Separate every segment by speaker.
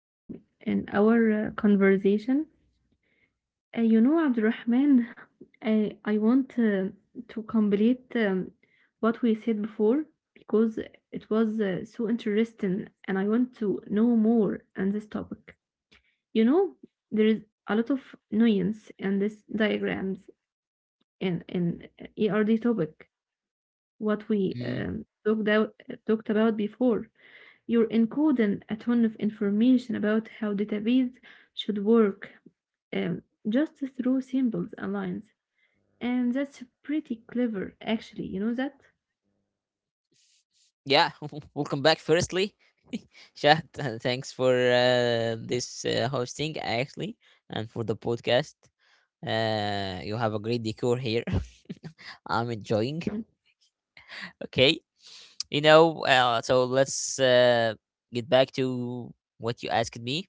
Speaker 1: um, in our conversation. You know, Abdurrahman, I want to complete what we said before because it was so interesting and I want to know more on this topic. You know, there is a lot of nuance in this diagrams in ERD topic, what we
Speaker 2: Mm,
Speaker 1: talked about before. You're encoding a ton of information about how database should work um, just through symbols and lines. And that's pretty clever, actually. You know that?
Speaker 2: Yeah, welcome back. Firstly, Shah, thanks for this hosting actually, and for the podcast. You have a great decor here. I'm
Speaker 1: Mm.
Speaker 2: enjoying. Okay, you know. So let's get back to what you asked me.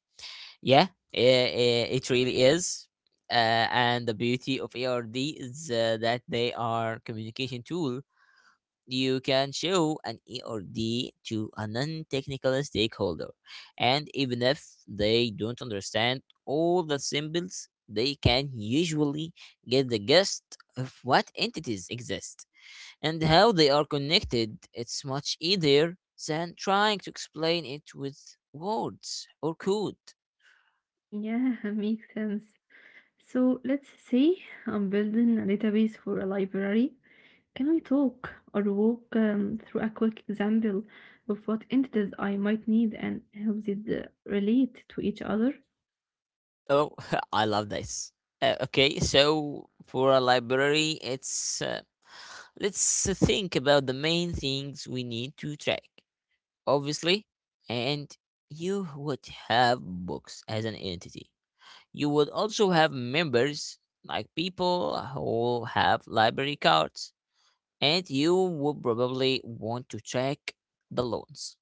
Speaker 2: Yeah, it really is. And the beauty of ARD is that they are communication tool. You can show an E or D to a non technical stakeholder, and even if they don't understand all the symbols, they can usually get the gist of what entities exist and how they are connected. It's much easier than trying to explain it with words or code.
Speaker 1: Yeah, makes sense. So let's say I'm building a database for a library. Can we talk or walk through a quick example of what entities I might need and how they relate to each other?
Speaker 2: Oh, I love this. Okay, so for a library, it's let's think about the main things we need to track. Obviously, and you would have books as an entity. You would also have members, like people who have library cards, and you would probably want to track the loans,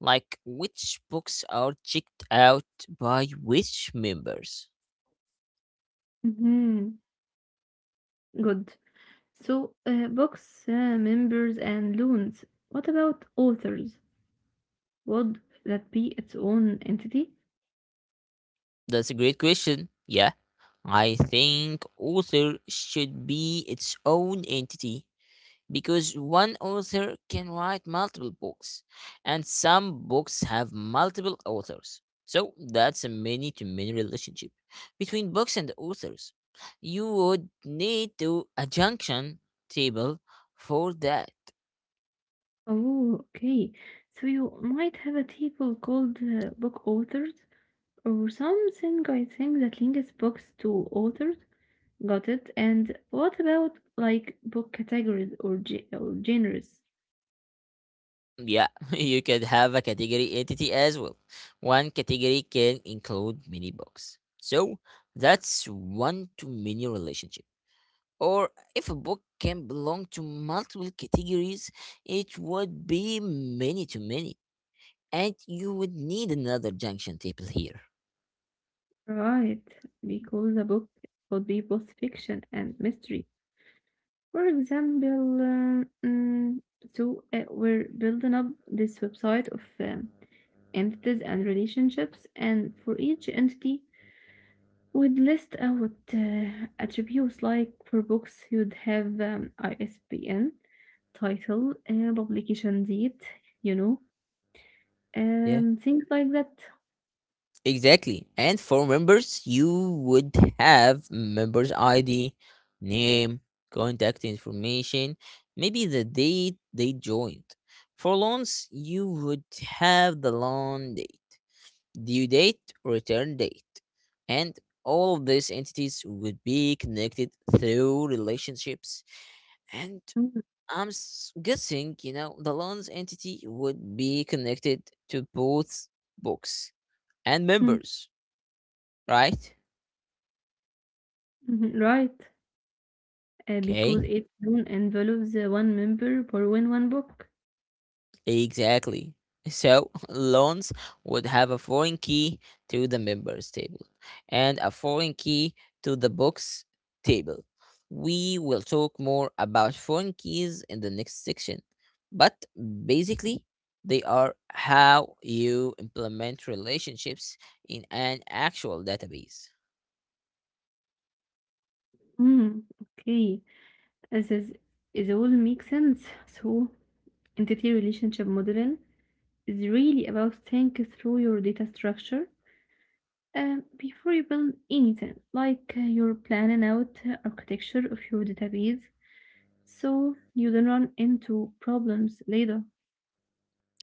Speaker 2: like which books are checked out by which members.
Speaker 1: Mm-hmm. Good. So, books, members, and loans. What about authors? Would that be its own entity?
Speaker 2: That's a great question. Yeah, I think author should be its own entity because one author can write multiple books, and some books have multiple authors. So that's a many to many relationship between books and authors. You would need to a junction table for that.
Speaker 1: Oh, okay. So you might have a table called book authors or something, I think, that links books to authors. Got it. And what about like book categories or, genres?
Speaker 2: Yeah, you could have a category entity as well. One category can include many books. So that's one to many relationship, or if a book can belong to multiple categories, it would be many to many, and you would need another junction table here.
Speaker 1: Right, because a book could be both fiction and mystery. For example, so we're building up this website of entities and relationships, and for each entity, we'd list out attributes like for books, you'd have ISBN, title, publication date, you know,
Speaker 2: Yeah,
Speaker 1: things like that.
Speaker 2: exactly. And for members, you would have members ID, name, contact information, maybe the date they joined. For loans, you would have the loan date, due date, return date. And all of these entities would be connected through relationships. And
Speaker 1: Mhm,
Speaker 2: I'm guessing, you know, the loans entity would be connected to both books and
Speaker 1: mhm,
Speaker 2: members, right?
Speaker 1: mhm. Right,
Speaker 2: Okay.
Speaker 1: because each one envelopes one member per when one book.
Speaker 2: Exactly. So loans would have a foreign key to the members table and a foreign key to the books table. We will talk more about foreign keys in the next section, but basically, they are how you implement relationships in an actual database.
Speaker 1: Mm, okay. As is, it all makes sense. So, entity relationship modeling is really about thinking through your data structure before you build anything, like you're planning out architecture of your database, so you don't run into problems later.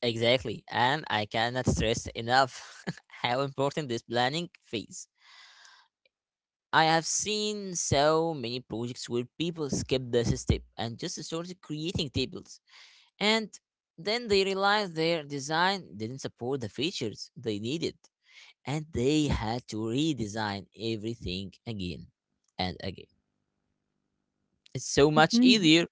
Speaker 2: Exactly, and I cannot stress enough how important this planning phase. I have seen so many projects where people skip this step and just start creating tables. And then they realized their design didn't support the features they needed. And they had to redesign everything again and again. It's so much
Speaker 1: Mhm.
Speaker 2: easier.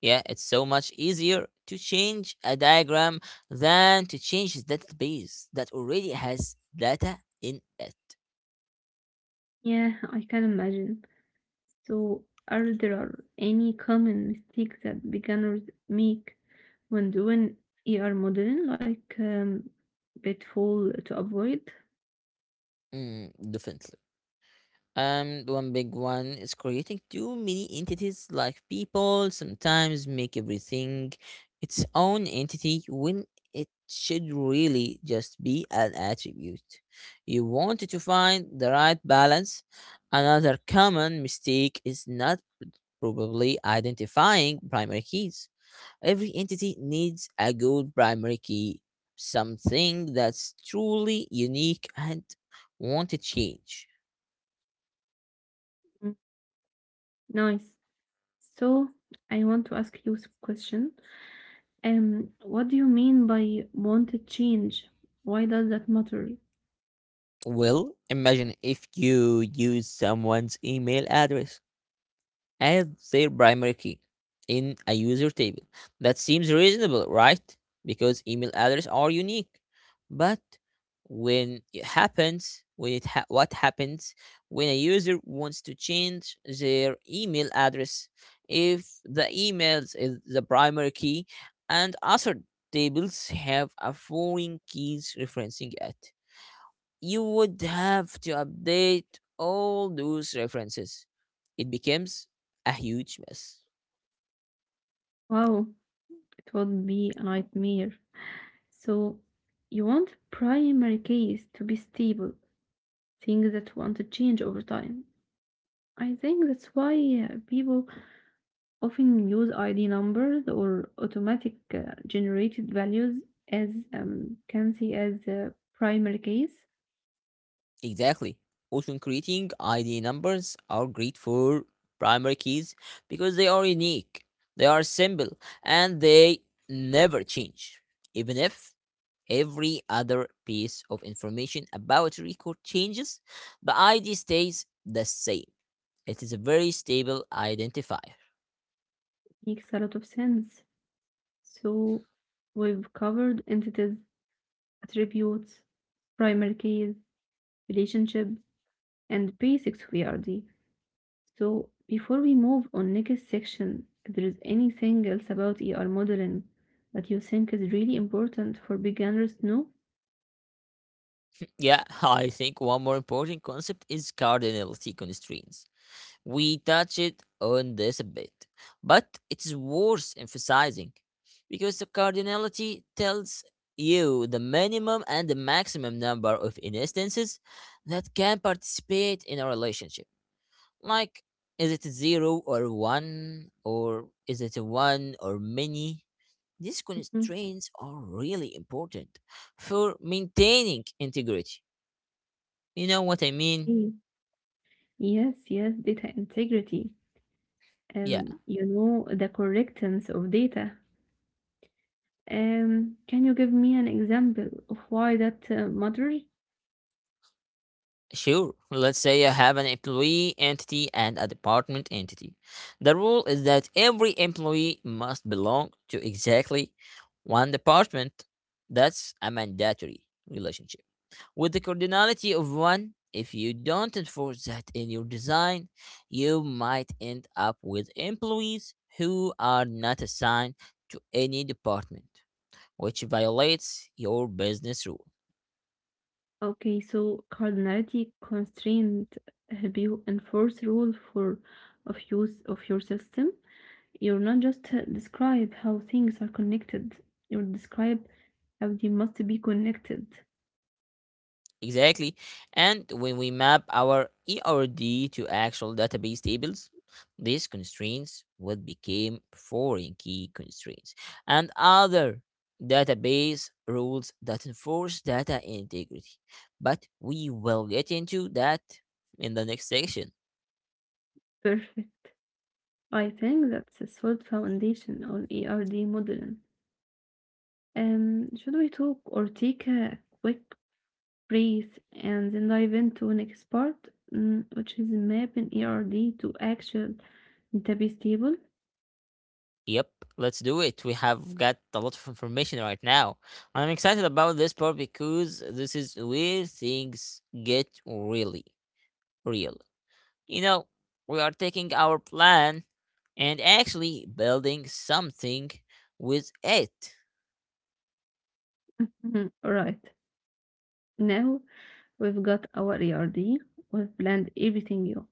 Speaker 2: Yeah, it's so much easier to change a diagram than to change a database that already has data in it.
Speaker 1: Yeah, I can imagine. So, are there any common mistakes that beginners make when doing ER modeling, like pitfall to avoid?
Speaker 2: Mm, definitely. The one big one is creating too many entities, like people sometimes make everything its own entity when it should really just be an attribute. You want to find the right balance. Another common mistake is not probably identifying primary keys. Every entity needs a good primary key, something that's truly unique and won't change.
Speaker 1: Nice. So I want to ask you s question. What do you mean by wanted change? Why does that matter?
Speaker 2: Well, imagine if you use someone's email address as their primary key in a user table. That seems reasonable, right? Because email addresses are unique. But when it happens, when it ha- what happens when a user wants to change their email address? If the emails is the primary key and other tables have a foreign keys referencing it, you would have to update all those references. It becomes a huge mess.
Speaker 1: Wow, it would be a nightmare. So you want primary case to be stable, things that want to change over time. I think that's why people often use ID numbers or automatic generated values as can see as a primary case.
Speaker 2: Exactly. Also, creating ID numbers are great for primary keys because they are unique, they are simple, and they never change, even if every other piece of information about a record changes, the id stays the same. It is a very stable identifier.
Speaker 1: Makes a lot of sense. So we've covered entities, attributes, primary keys, relationship, and basics of ERD. So before we move on next section, if there is anything else about ER modeling that you think is really important for beginners to know.
Speaker 2: Yeah, I think one more important concept is cardinality constraints. We touch it on this a bit, but it's worth emphasizing because the cardinality tells you the minimum and the maximum number of instances that can participate in a relationship. Like, is it zero or one, or is it a one or many? These
Speaker 1: Mhm.
Speaker 2: constraints are really important for maintaining integrity, you know what I mean?
Speaker 1: Mm. Yes, yes, data integrity.
Speaker 2: Yeah,
Speaker 1: You know, the correctness of data. Can you give me an example of why that matters?
Speaker 2: sure. Let's say I have an employee entity and a department entity. The rule is that every employee must belong to exactly one department. That's a mandatory relationship. With the cardinality of one, if you don't enforce that in your design, you might end up with employees who are not assigned to any department, which violates your business rule.
Speaker 1: Okay, so cardinality constraint help you enforce rule for of use of your system. You're not just describe how things are connected. You describe how they must be connected.
Speaker 2: Exactly. And when we map our ERD to actual database tables, these constraints would become foreign key constraints and other database rules that enforce data integrity. But we will get into that in the next section.
Speaker 1: Perfect. I think that's a solid foundation on ERD modeling. Should we talk or take a quick Praise, and then dive into next part, mm, which is mapping ERD to actual database table.
Speaker 2: Yep, let's do it. We have got a lot of information right now. I'm excited about this part because this is where things get really real. You know, we are taking our plan and actually building something with it.
Speaker 1: Mhm. Right. Now we've got our ERD. We've planned everything You,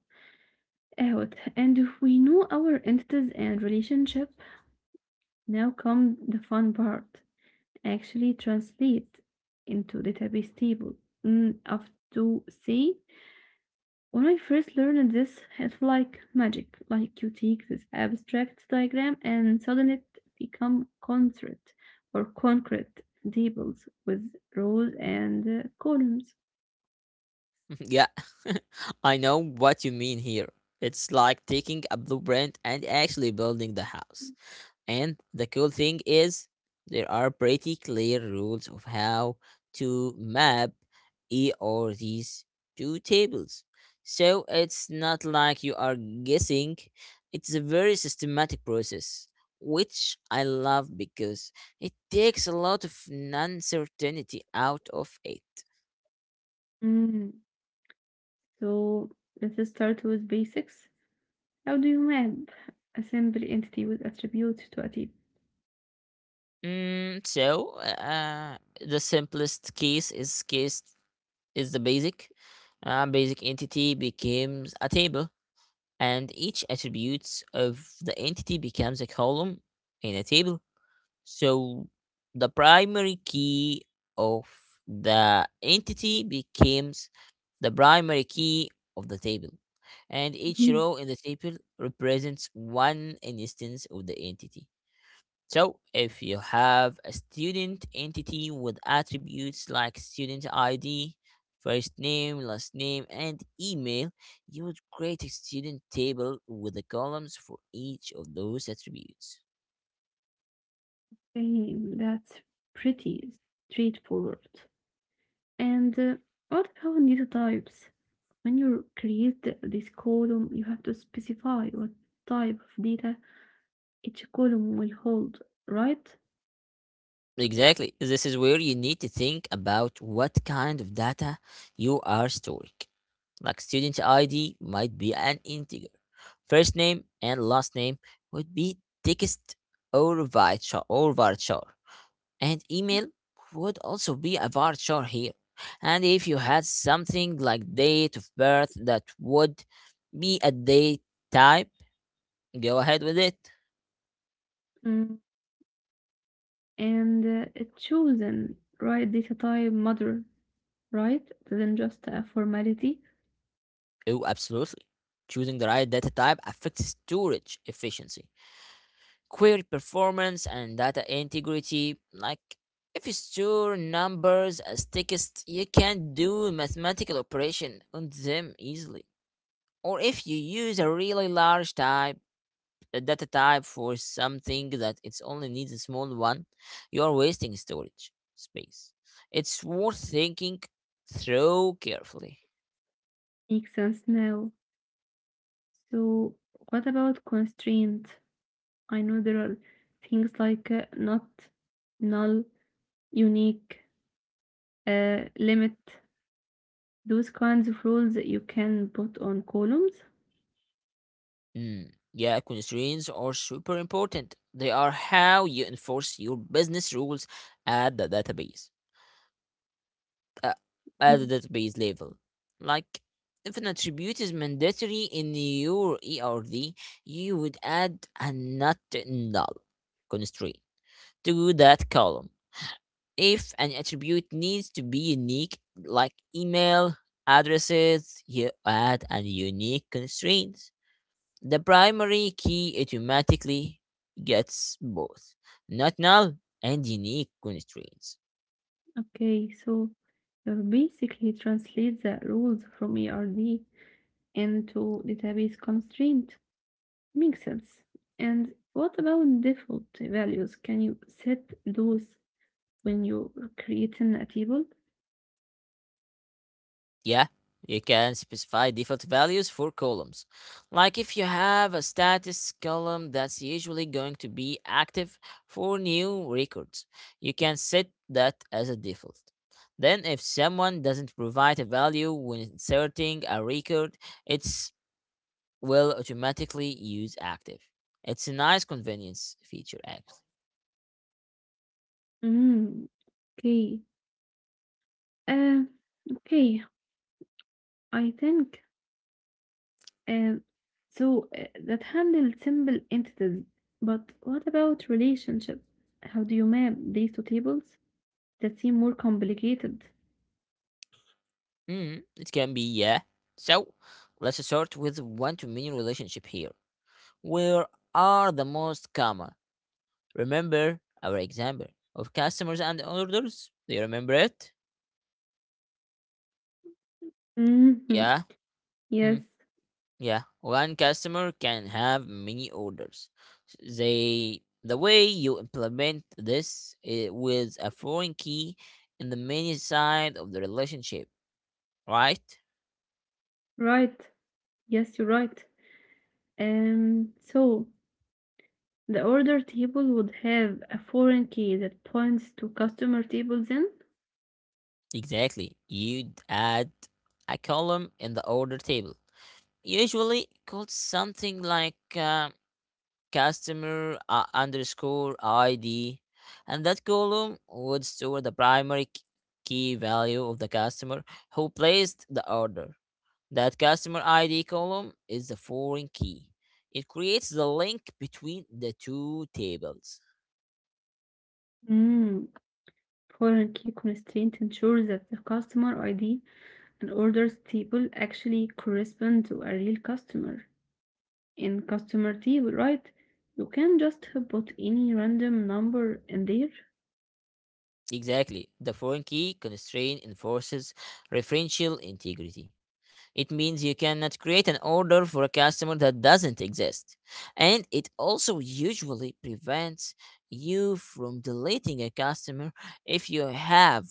Speaker 1: Out. And if we know our entities and relationship, now come the fun part. Actually translate into database table. Mm, have to say when I first learned this, it felt like magic. Like you take this abstract diagram and suddenly it become concrete or concrete tables with rows and columns.
Speaker 2: Yeah, I know what you mean here. It's like taking a blueprint and actually building the house. And the cool thing is, there are pretty clear rules of how to map E or these two tables. So it's not like you are guessing, it's a very systematic process, which I love because it takes a lot of uncertainty out of it.
Speaker 1: Mm. So let's start with basics. How do you map a simple entity with attributes to a table?
Speaker 2: Mm, so, the simplest case is the basic. Basic entity becomes a table, and each attribute of the entity becomes a column in a table. So the primary key of the entity becomes the primary key of the table, and each
Speaker 1: Mhm.
Speaker 2: row in the table represents one instance of the entity. So, if you have a student entity with attributes like student ID, first name, last name, and email, you would create a student table with the columns for each of those attributes.
Speaker 1: Okay, that's pretty straightforward. And what about data types? When you create this column, you have to specify what type of data each column will hold, right?
Speaker 2: Exactly. This is where you need to think about what kind of data you are storing. Like student ID might be an integer. First name and last name would be text or var char. And email would also be a vulture here. And if you had something like date of birth, that would be a date type, go ahead with it.
Speaker 1: Mm. And it choose right data type model, right? Then just a formality.
Speaker 2: Oh, absolutely. Choosing the right data type affects storage efficiency, query performance, and data integrity. Like, if you store numbers as text, you can do mathematical operation on them easily. Or if you use a really large type, the data type for something that it's only needs a small one, you are wasting storage space. It's worth thinking through carefully.
Speaker 1: Makes sense now. So what about constraint? I know there are things like not, null, unique, limit. Those kinds of rules that you can put on columns.
Speaker 2: Mm, Yeah, constraints are super important. They are how you enforce your business rules at the uh, at the database level. Like, if an attribute is mandatory in your ERD, you would add a not null constraint to that column. If an attribute needs to be unique, like email addresses, you add a unique constraint. The primary key automatically gets both not null and unique constraints.
Speaker 1: Okay, so you basically translate the rules from ERD into database constraint. Makes sense. And what about default values? Can you set those when you are creating a table?
Speaker 2: Yeah, you can specify default values for columns. Like if you have a status column that's usually going to be active for new records, you can set that as a default. Then, if someone doesn't provide a value when inserting a record, it's will automatically use active. It's a nice convenience feature, actually.
Speaker 1: Mm, okay. Uh, okay, I think um, so that handle simple entities. But what about relationship? How do you map these two tables that seem more complicated?
Speaker 2: Mm, it can be, yeah. So, let's start with one to many relationship here, where are the most common. Remember our example of customers and orders? Do you remember it? Yeah.
Speaker 1: Yes,
Speaker 2: Mm, yeah. One customer can have many orders. They, the way you implement this is with a foreign key in the many side of the relationship, right?
Speaker 1: right. Yes, you're right. So the order table would have a foreign key that points to customer table then?
Speaker 2: Exactly. You'd add a column in the order table, usually called something like customer underscore ID, and that column would store the key value of the customer who placed the order. That customer ID column is the foreign key. It creates the link between the two tables.
Speaker 1: Mm, foreign key constraint ensures that the customer ID and orders table actually correspond to a real customer. In customer table, right? You can just put any random number in there.
Speaker 2: Exactly. The foreign key constraint enforces referential integrity. It means you cannot create an order for a customer that doesn't exist. And it also usually prevents you from deleting a customer if you have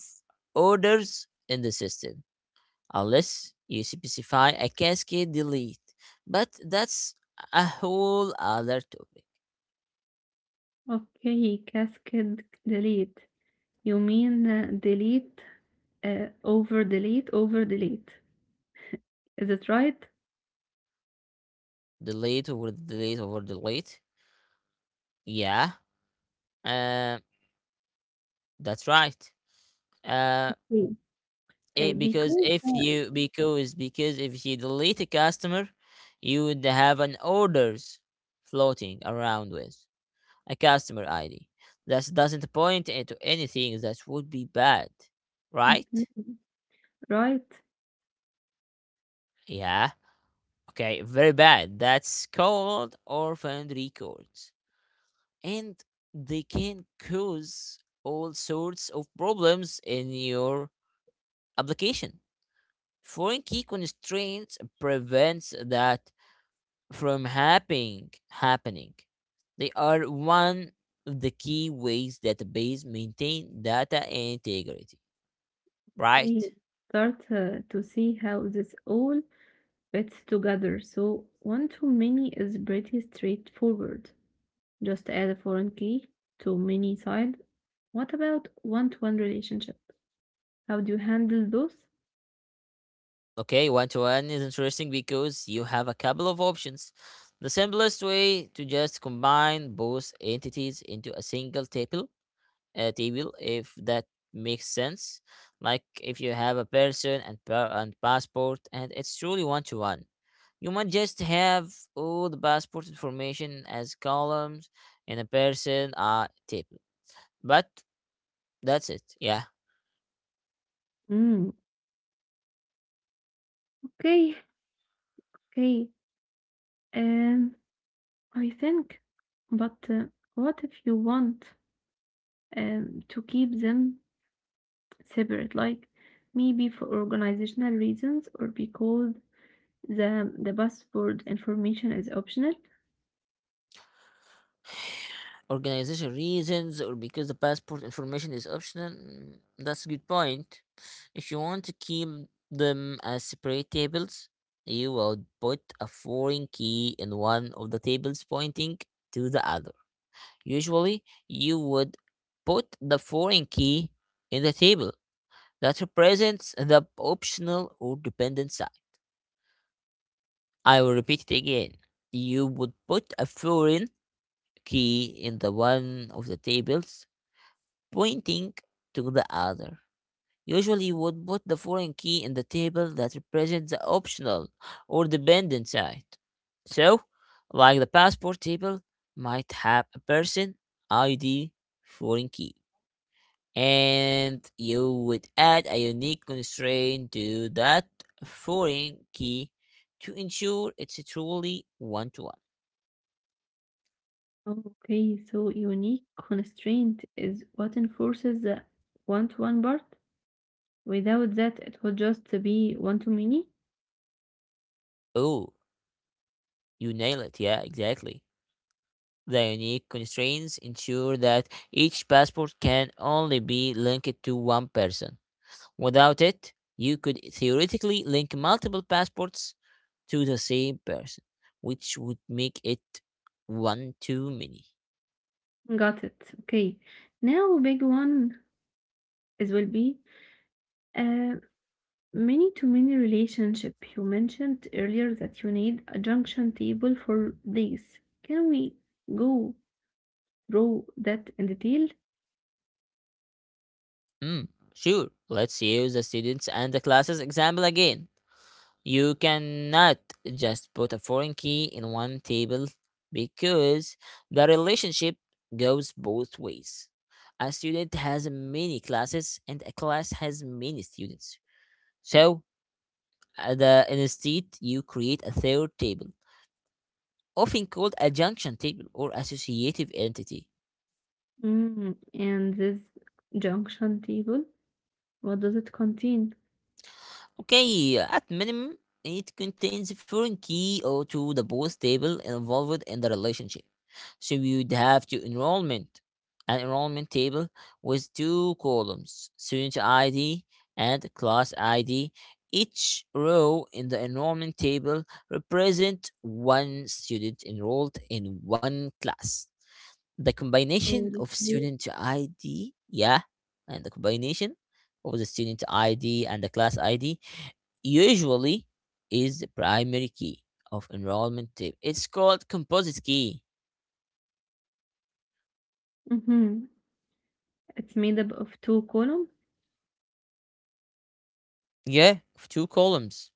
Speaker 2: orders in the system, unless you specify a cascade delete. But that's a whole other topic.
Speaker 1: Okay, cascade delete. You mean delete, over delete, over delete. Is it right?
Speaker 2: Delete over delete over delete. Yeah, uh, that's right. Uh,
Speaker 1: Yeah. Uh,
Speaker 2: it
Speaker 1: because, uh,
Speaker 2: because if you delete a customer, you would have an orders floating around with a customer id that doesn't point it to anything. That would be bad, right?
Speaker 1: mhm, right.
Speaker 2: Yeah, okay, very bad. That's called orphaned records, and they can cause all sorts of problems in your application. Foreign key constraints prevents that from happening happening. They are one of the key ways database maintain data integrity, right?
Speaker 1: I start to see how this all fits together. So, one too many is pretty straightforward. Just add a foreign key to many side. What about one to one relationship? How do you handle those?
Speaker 2: Okay, one to one is interesting because you have a couple of options. The simplest way to just combine both entities into a single table if that makes sense, like if you have a person and passport and it's truly one to one, you might just have all the passport information as columns in a person table, but that's it. Yeah,
Speaker 1: Mm, okay, okay. Um, I think, but what if you want to keep them separate, like maybe for organizational reasons or because the password information is optional?
Speaker 2: organization reasons or because the passport information is optional. That's a good point. If you want to keep them as separate tables, you would put a foreign key in one of the tables pointing to the other. Usually, you would put the foreign key in the table that represents the optional or dependent side. I will repeat it again. You would put a foreign key in the one of the tables pointing to the other. Usually, you would put the foreign key in the table that represents the optional or dependent side. So, like the passport table might have a person, ID, foreign key, and you would add a unique constraint to that foreign key to ensure it's truly one to one.
Speaker 1: Okay, so unique constraint is what enforces the one-to-one part. Without that, it would just be one-to-many.
Speaker 2: Oh, you nail it. Yeah, exactly. The unique constraints ensure that each passport can only be linked to one person. Without it, you could theoretically link multiple passports to the same person, which would make it one too many.
Speaker 1: Got it. Okay. Now, big one is will be uh, many to many relationship. You mentioned earlier that you need a junction table for this. Can we go through that in detail?
Speaker 2: Mm, sure, let's use the students and the classes example again. You cannot just put a foreign key in one table because the relationship goes both ways. A student has many classes and a class has many students. So, instead, you create a third table, often called a junction table or associative entity.
Speaker 1: Mm, and this junction table, what does it contain?
Speaker 2: Okay, at minimum, it contains a foreign key or to the both table involved in the relationship. So you'd have to enrollment, an enrollment table with two columns, student ID and class ID. Each row in the enrollment table represent one student enrolled in one class. The
Speaker 1: Oh,
Speaker 2: combination
Speaker 1: that's
Speaker 2: of
Speaker 1: good.
Speaker 2: student ID, yeah, and the combination of the student ID and the class ID usually is the primary key of enrollment table. It's called composite key.
Speaker 1: Mm-hmm. It's made up of two columns.
Speaker 2: Yeah, two columns.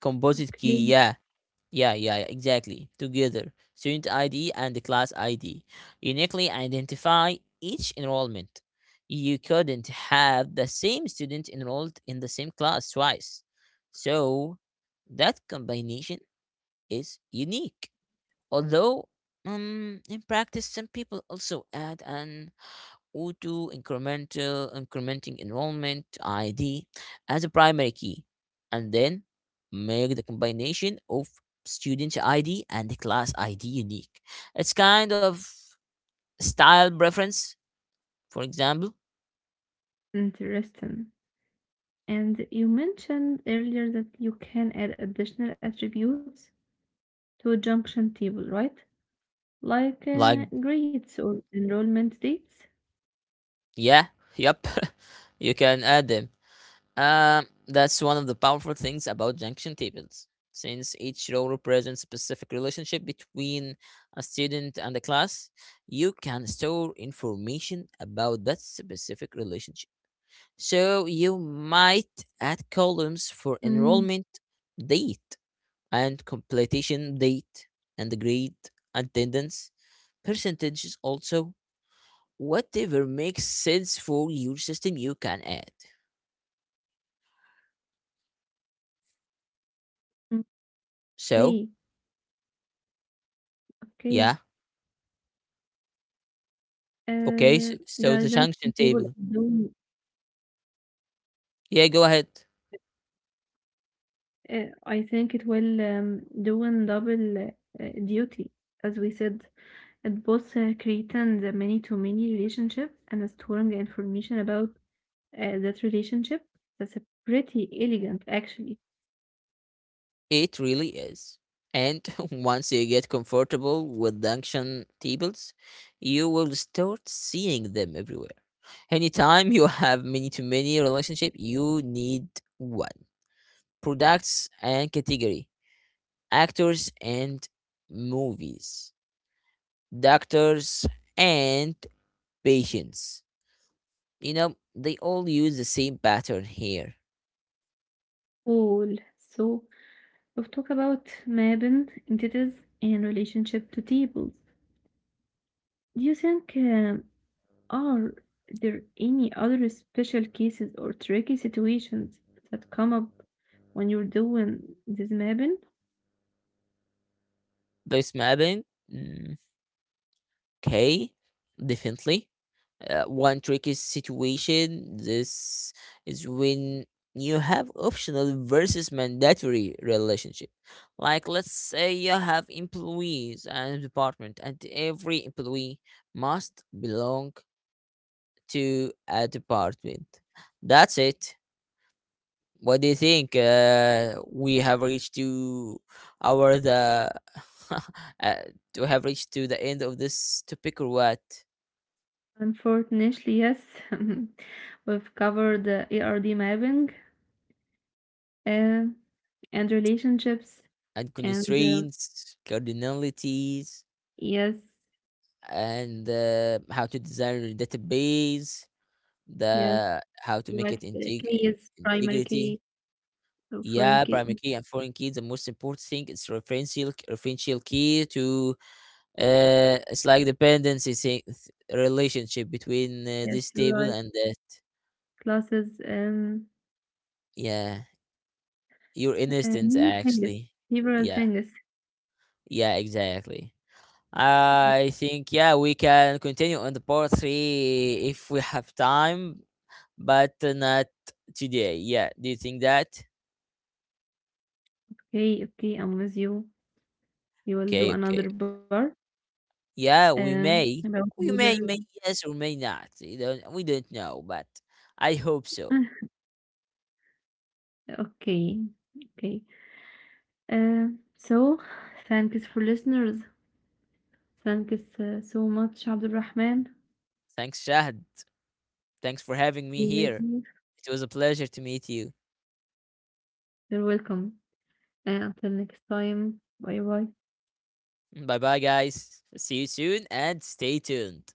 Speaker 2: Composite key.
Speaker 1: Okay,
Speaker 2: Yeah, yeah, yeah, yeah, exactly. Together, student ID and the class ID uniquely identify each enrollment. You couldn't have the same student enrolled in the same class twice. So that combination is unique. Although, in practice, some people also add an O2 incremental incrementing enrollment ID as a primary key and then make the combination of student ID and class ID unique. It's kind of style preference, for example,
Speaker 1: interesting. And you mentioned earlier that you can add additional attributes to a junction table, right? Like
Speaker 2: like
Speaker 1: grades or enrollment dates.
Speaker 2: yeah, yep. You can add them. That's one of the powerful things about junction tables. Since each row represents a specific relationship between a student and a class, you can store information about that specific relationship. So you might add columns for enrollment date and completion date and grade, attendance, percentages also. Whatever makes sense for your system, you can add.
Speaker 1: Okay,
Speaker 2: So,
Speaker 1: okay.
Speaker 2: yeah, okay, so,
Speaker 1: The
Speaker 2: so the
Speaker 1: junction table.
Speaker 2: junction
Speaker 1: Are
Speaker 2: table.
Speaker 1: doing,
Speaker 2: Yeah, go ahead.
Speaker 1: I think it will doing double duty. As we said, it both creating the many-to-many relationship and storing information about that relationship. That's a pretty elegant, actually.
Speaker 2: It really is. And once you get comfortable with junction tables, you will start seeing them everywhere. Anytime you have many to many relationship, you need one. Products and category, actors and movies, doctors and patients. You know, they all use the same pattern here.
Speaker 1: Cool. So we've talked about mapping entities and relationship to tables. Do you think are there any other special cases or tricky situations that come up when you're doing this mapping?
Speaker 2: This mapping, okay, definitely. One tricky situation this is when you have optional versus mandatory relationship. Like let's say you have employees and a department, and every employee must belong to a department. That's it. What do you think? We have reached to our the uh, to have reached to the end of this topic or what?
Speaker 1: Unfortunately, yes. We've covered the ARD mapping uh, and relationships,
Speaker 2: And
Speaker 1: and
Speaker 2: constraints, cardinalities,
Speaker 1: yes,
Speaker 2: and how to design a database,
Speaker 1: yes,
Speaker 2: the how to make
Speaker 1: right.
Speaker 2: it
Speaker 1: Uh, key is primary
Speaker 2: integrity.
Speaker 1: key, so foreign
Speaker 2: Yeah,
Speaker 1: key.
Speaker 2: primary key and foreign key. The most important thing is referential key to, it's like dependency thing, relationship between
Speaker 1: Yes,
Speaker 2: this
Speaker 1: you're
Speaker 2: table
Speaker 1: right.
Speaker 2: and the,
Speaker 1: Classes
Speaker 2: yeah, your
Speaker 1: and
Speaker 2: instance
Speaker 1: many things,
Speaker 2: actually.
Speaker 1: several
Speaker 2: Yeah,
Speaker 1: things.
Speaker 2: yeah, exactly. I think, yeah, we can continue on the part three if we have time, but not today. Yeah, do you think that?
Speaker 1: Okay, okay, I'm with you. You will do
Speaker 2: Okay,
Speaker 1: another
Speaker 2: okay.
Speaker 1: part
Speaker 2: Yeah, we
Speaker 1: about
Speaker 2: may, we
Speaker 1: another.
Speaker 2: may, may yes or may not. We don't know, but I hope so.
Speaker 1: Okay, okay. So, thanks for listeners. Thanks so much, Abdul Rahman.
Speaker 2: Thanks, Shahad. Thanks for having me
Speaker 1: You're
Speaker 2: here. It was a pleasure to meet you.
Speaker 1: welcome. And until next time, bye bye.
Speaker 2: Bye, bye, guys. See you soon and stay tuned.